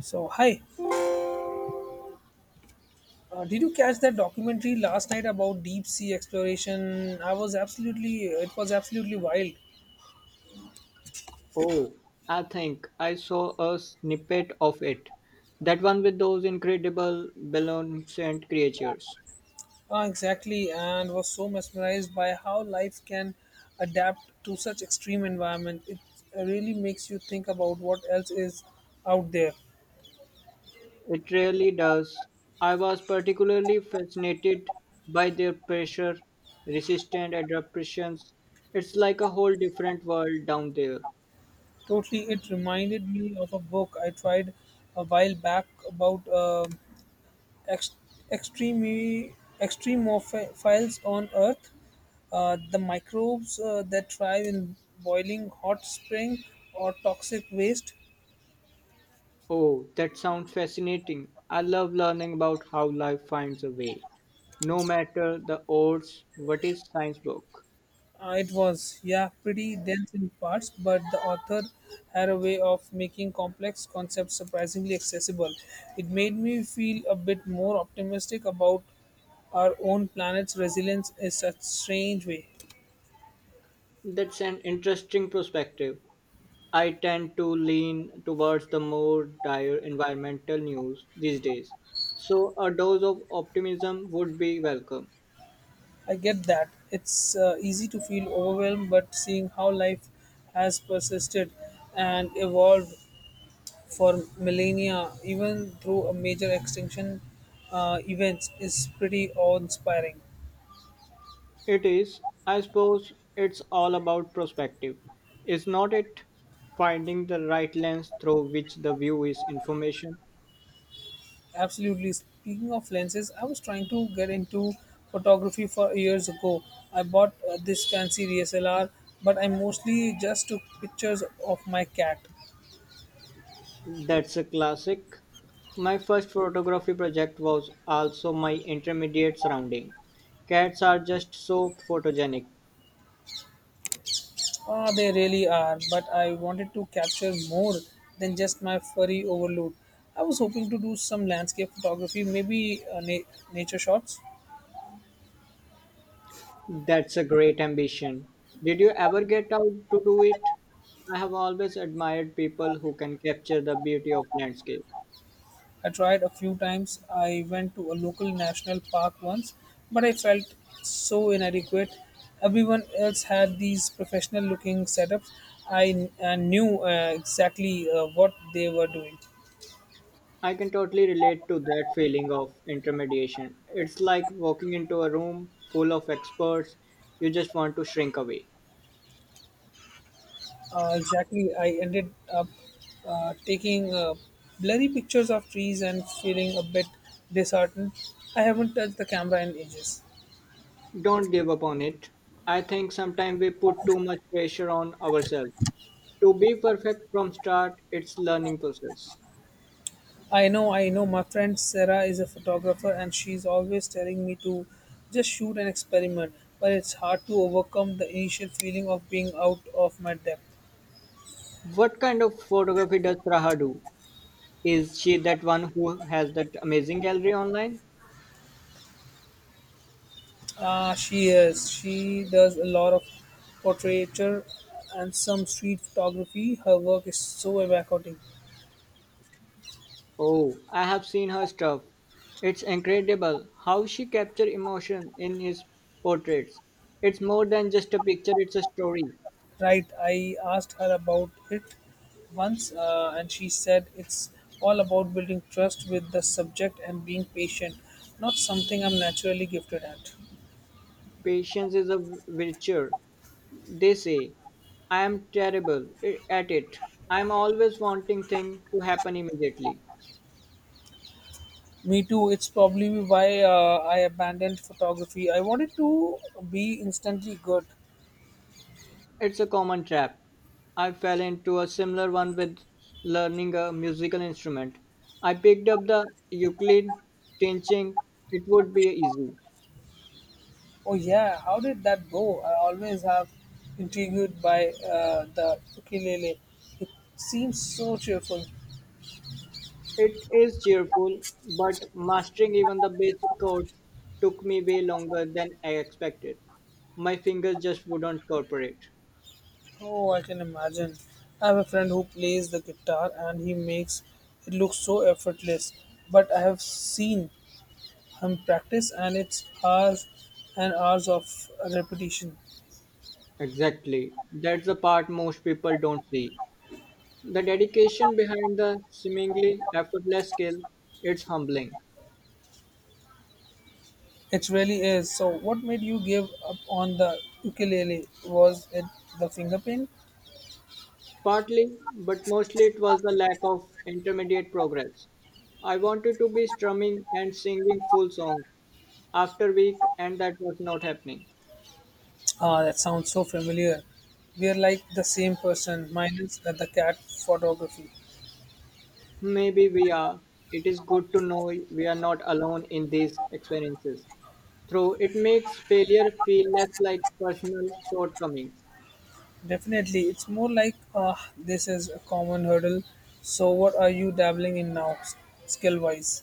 So, hi. Did you catch that documentary last night about deep sea exploration? It was absolutely wild. Oh, I think I saw a snippet of it. That one with those incredible beneficent creatures. Exactly, and was so mesmerized by how life can adapt to such extreme environment. It really makes you think about what else is out there. It really does. I was particularly fascinated by their pressure, resistance, adaptations. It's like a whole different world down there. Totally, it reminded me of a book I tried a while back about ex- extreme extremophiles on Earth, the microbes that thrive in boiling hot spring or toxic waste. Oh, that sounds fascinating. I love learning about how life finds a way. No matter the odds, what is science book? It was, yeah, pretty dense in parts, but the author had a way of making complex concepts surprisingly accessible. It made me feel a bit more optimistic about our own planet's resilience in such strange way. That's an interesting perspective. I tend to lean towards the more dire environmental news these days, so a dose of optimism would be welcome. I get that. It's easy to feel overwhelmed, but seeing how life has persisted and evolved for millennia, even through a major extinction events, is pretty awe-inspiring. It is, I suppose, it's all about perspective. Is not it? Finding the right lens through which the view is information. Absolutely. Speaking of lenses, I was trying to get into photography for years ago. I bought this fancy DSLR, but I mostly just took pictures of my cat. That's a classic. My first photography project was also my intermediate surrounding. Cats are just so photogenic. Ah, they really are, but I wanted to capture more than just my furry overload. I was hoping to do some landscape photography, maybe nature shots. That's a great ambition. Did you ever get out to do it? I have always admired people who can capture the beauty of landscape. I tried a few times. I went to a local national park once, but I felt so inadequate. Everyone else had these professional looking setups. I knew exactly what they were doing. I can totally relate to that feeling of intermediation. It's like walking into a room full of experts you just want to shrink away. Exactly. I ended up taking blurry pictures of trees and feeling a bit disheartened. I haven't touched the camera in ages. Don't give up on it. I think sometimes we put too much pressure on ourselves. To be perfect from start, it's learning process. I know, I know. My friend Sarah is a photographer and she's always telling me to just shoot and experiment, but it's hard to overcome the initial feeling of being out of my depth. What kind of photography does Raha do? Is she that one who has that amazing gallery online? Ah, she is. She does a lot of portraiture and some street photography. Her work is so evocative. Oh, I have seen her stuff. It's incredible how she captures emotion in his portraits. It's more than just a picture, it's a story. Right, I asked her about it once, and she said it's all about building trust with the subject and being patient, not something I'm naturally gifted at. Patience is a virtue, they say. I am terrible at it. I'm always wanting things to happen immediately. Me too, it's probably why I abandoned photography. I wanted to be instantly good. It's a common trap. I fell into a similar one with learning a musical instrument. I picked up the ukulele, teaching; it would be easy. Oh, yeah, how did that go? I always have intrigued by the ukulele. It seems so cheerful. It is cheerful, but mastering even the basic chords took me way longer than I expected. My fingers just wouldn't cooperate. Oh, I can imagine. I have a friend who plays the guitar and he makes it look so effortless. But I have seen him practice and it's hours and hours of repetition. Exactly. That's the part most people don't see. The dedication behind the seemingly effortless skill, it's humbling. It really is. So, what made you give up on the ukulele? Was it the finger pain? Partly, but mostly it was the lack of intermediate progress. I wanted to be strumming and singing full songs after week, and that was not happening. Ah, that sounds so familiar. We are like the same person, minus that the cat photography. Maybe we are. It is good to know we are not alone in these experiences. Though it makes failure feel less like personal shortcomings. Definitely, it's more like, ah, this is a common hurdle. So, what are you dabbling in now, skill wise?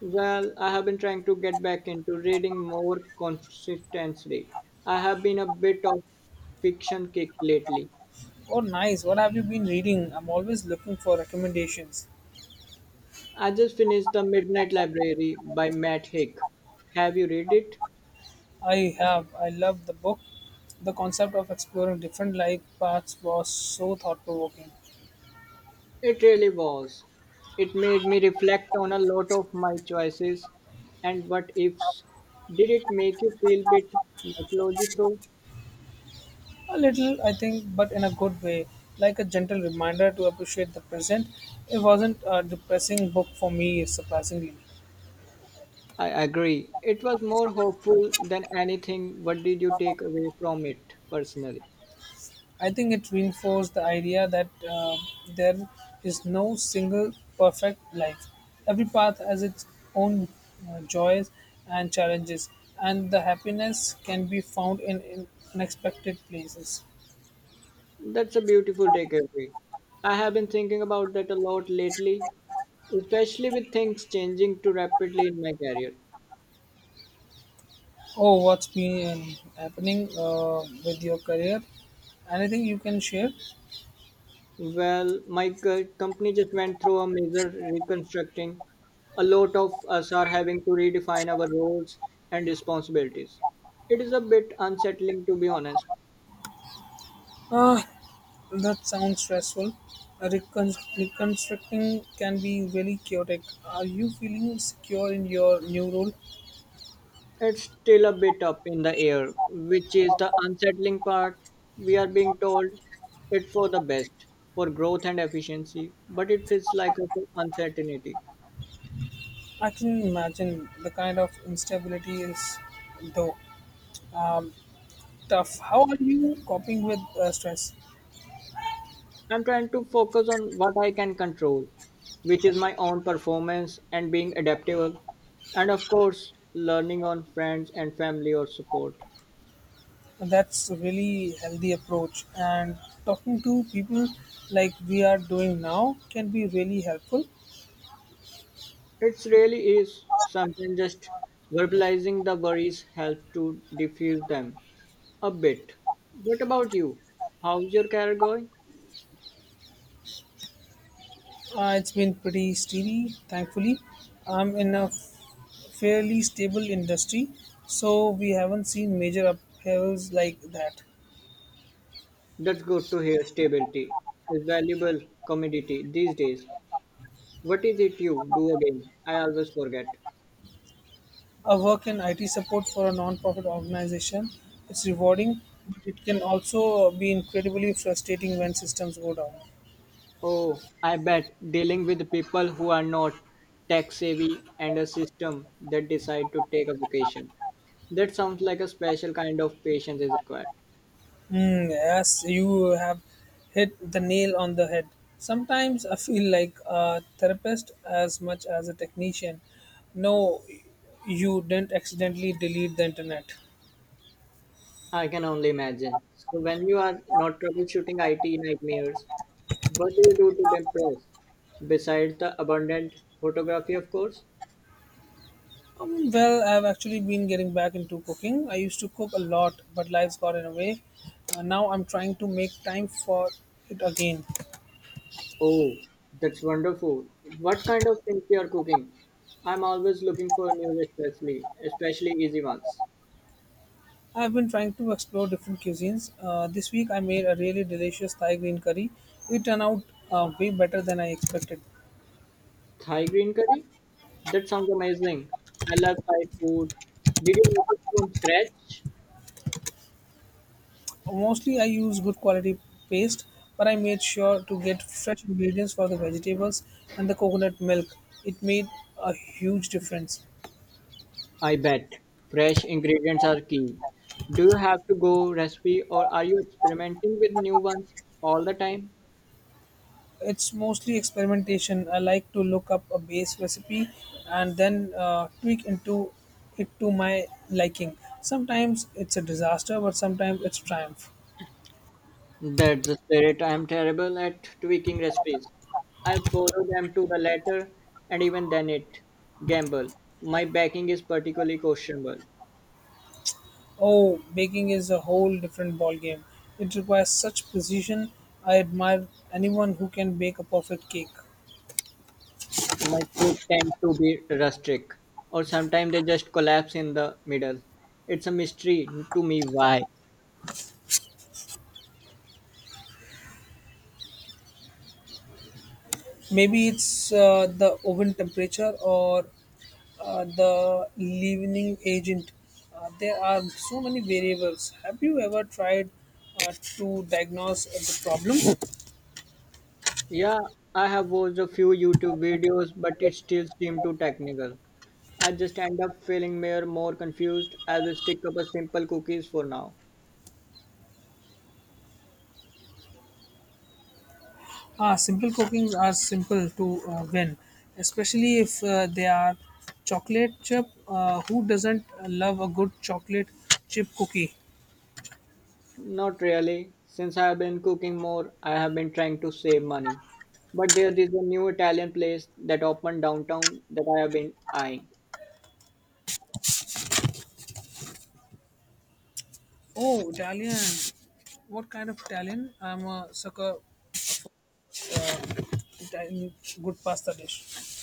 Well, I have been trying to get back into reading more consistently. I have been a bit of fiction kick lately. Oh, nice. What have you been reading? I'm always looking for recommendations. I just finished The Midnight Library by Matt Hick. Have you read it? I have. I love the book. The concept of exploring different life paths was so thought provoking. It really was. It made me reflect on a lot of my choices and what ifs. Did it make you feel a bit mythology through? A little, I think, but in a good way, like a gentle reminder to appreciate the present. It wasn't a depressing book for me, surprisingly. I agree. It was more hopeful than anything. What did you take away from it personally? I think it reinforced the idea that there is no single perfect life. Every path has its own joys and challenges, and the happiness can be found in unexpected places. That's a beautiful takeaway. I have been thinking about that a lot lately, especially with things changing too rapidly in my career. Oh, what's been happening with your career? Anything you can share? Well, my company just went through a major reconstructing. A lot of us are having to redefine our roles and responsibilities. It is a bit unsettling, to be honest. Ah, that sounds stressful. Reconstructing can be really chaotic. Are you feeling secure in your new role? It's still a bit up in the air, which is the unsettling part. We are being told it for the best, for growth and efficiency, but it feels like a full uncertainty. I can imagine the kind of instability is though um, tough. How are you coping with stress? I'm trying to focus on what I can control, which is my own performance and being adaptable, and of course, learning on friends and family or support. That's a really healthy approach, and talking to people like we are doing now can be really helpful. It really is something, just verbalizing the worries help to diffuse them a bit. What about you? How's your career going? It's been pretty steady, thankfully. I'm in a fairly stable industry, so we haven't seen major uphills like that. That's good to hear. Stability is valuable commodity these days. What is it you do again? I always forget. I work in IT support for a non-profit organization. It's rewarding, but it can also be incredibly frustrating when systems go down. Oh, I bet dealing with people who are not tech savvy and a system that decide to take a vacation. That sounds like a special kind of patience is required. Hmm, yes, you have hit the nail on the head. Sometimes I feel like a therapist as much as a technician. No, you didn't accidentally delete the internet. I can only imagine. So when you are not troubleshooting IT nightmares, what do you do to impress? Besides the abundant photography, of course. Well, I've actually been getting back into cooking. I used to cook a lot, but life's got in the way. Now I'm trying to make time for it again. Oh, that's wonderful. What kind of things you are cooking? I'm always looking for new recipes, especially easy ones. I've been trying to explore different cuisines. This week I made a really delicious Thai green curry. It turned out way better than I expected. Thai green curry? That sounds amazing. I love Thai food. Did you make it from scratch? Mostly I use good quality paste, but I made sure to get fresh ingredients for the vegetables and the coconut milk. It made a huge difference. I bet. Fresh ingredients are key. Do you have to go recipe or are you experimenting with new ones all the time? It's mostly experimentation. I like to look up a base recipe and then tweak into it to my liking. Sometimes it's a disaster, but sometimes it's triumph. That's the spirit. I am terrible at tweaking recipes. I follow them to the letter and even then it gamble. My baking is particularly questionable. Oh, baking is a whole different ballgame. It requires such precision. I admire anyone who can bake a perfect cake. My cake tend to be rustic, or sometimes they just collapse in the middle. It's a mystery to me why. Maybe it's the oven temperature or the leavening agent. There are so many variables. Have you ever tried to diagnose the problem? Yeah, I have watched a few YouTube videos, but it still seems too technical. I just end up feeling more confused. I will stick up a simple cookies for now. Ah, simple cookings are simple to win, especially if they are chocolate chip. Who doesn't love a good chocolate chip cookie? Not really. Since I have been cooking more, I have been trying to save money. But there is a new Italian place that opened downtown that I have been eyeing. Oh, Italian. What kind of Italian? I'm a sucker Italian good pasta dish.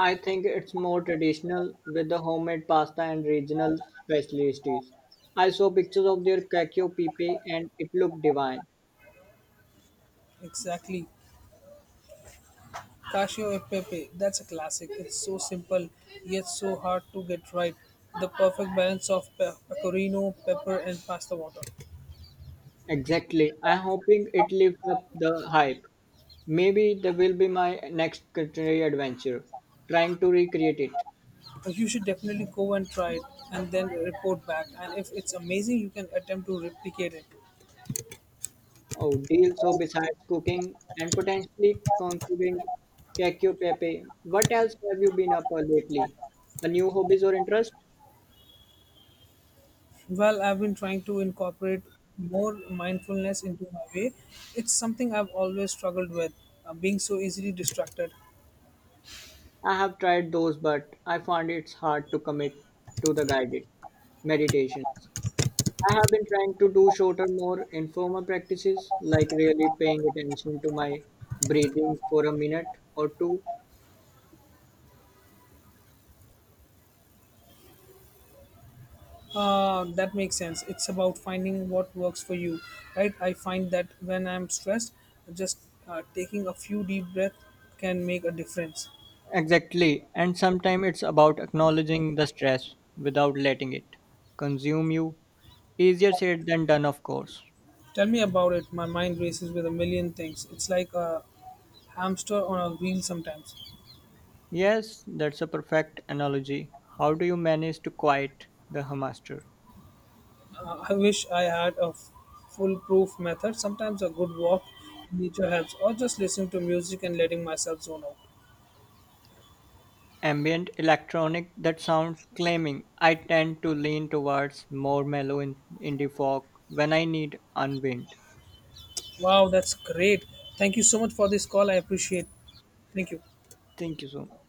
I think it's more traditional with the homemade pasta and regional specialties. I saw pictures of their cacio e pepe and it looked divine. Exactly. Casio e pepe. That's a classic. It's so simple yet so hard to get right. The perfect balance of pecorino, pepper, and pasta water. Exactly. I'm hoping it lives up the hype. Maybe that will be my next culinary adventure, trying to recreate it. You should definitely go and try it and then report back. And if it's amazing, you can attempt to replicate it. Oh, deal. So besides cooking and potentially conquering cacio e pepe, what else have you been up for lately? A new hobbies or interest? Well, I've been trying to incorporate more mindfulness into my way. It's something I've always struggled with, being so easily distracted. I have tried those, but I find it's hard to commit to the guided meditations. I have been trying to do shorter, more informal practices, like really paying attention to my breathing for a minute or two. That makes sense. It's about finding what works for you, right? I find that when I'm stressed, just taking a few deep breaths can make a difference. Exactly, and sometimes it's about acknowledging the stress without letting it consume you. Easier said than done, of course. Tell me about it. My mind races with a million things. It's like a hamster on a wheel sometimes. Yes, that's a perfect analogy. How do you manage to quiet the hamster? I wish I had a foolproof method. Sometimes a good walk in nature helps, or just listening to music and letting myself zone out. Ambient electronic that sounds claiming. I tend to lean towards more mellow in indie folk when I need unwind. Wow, that's great. Thank you so much for this call. I appreciate. Thank you. Thank you so much.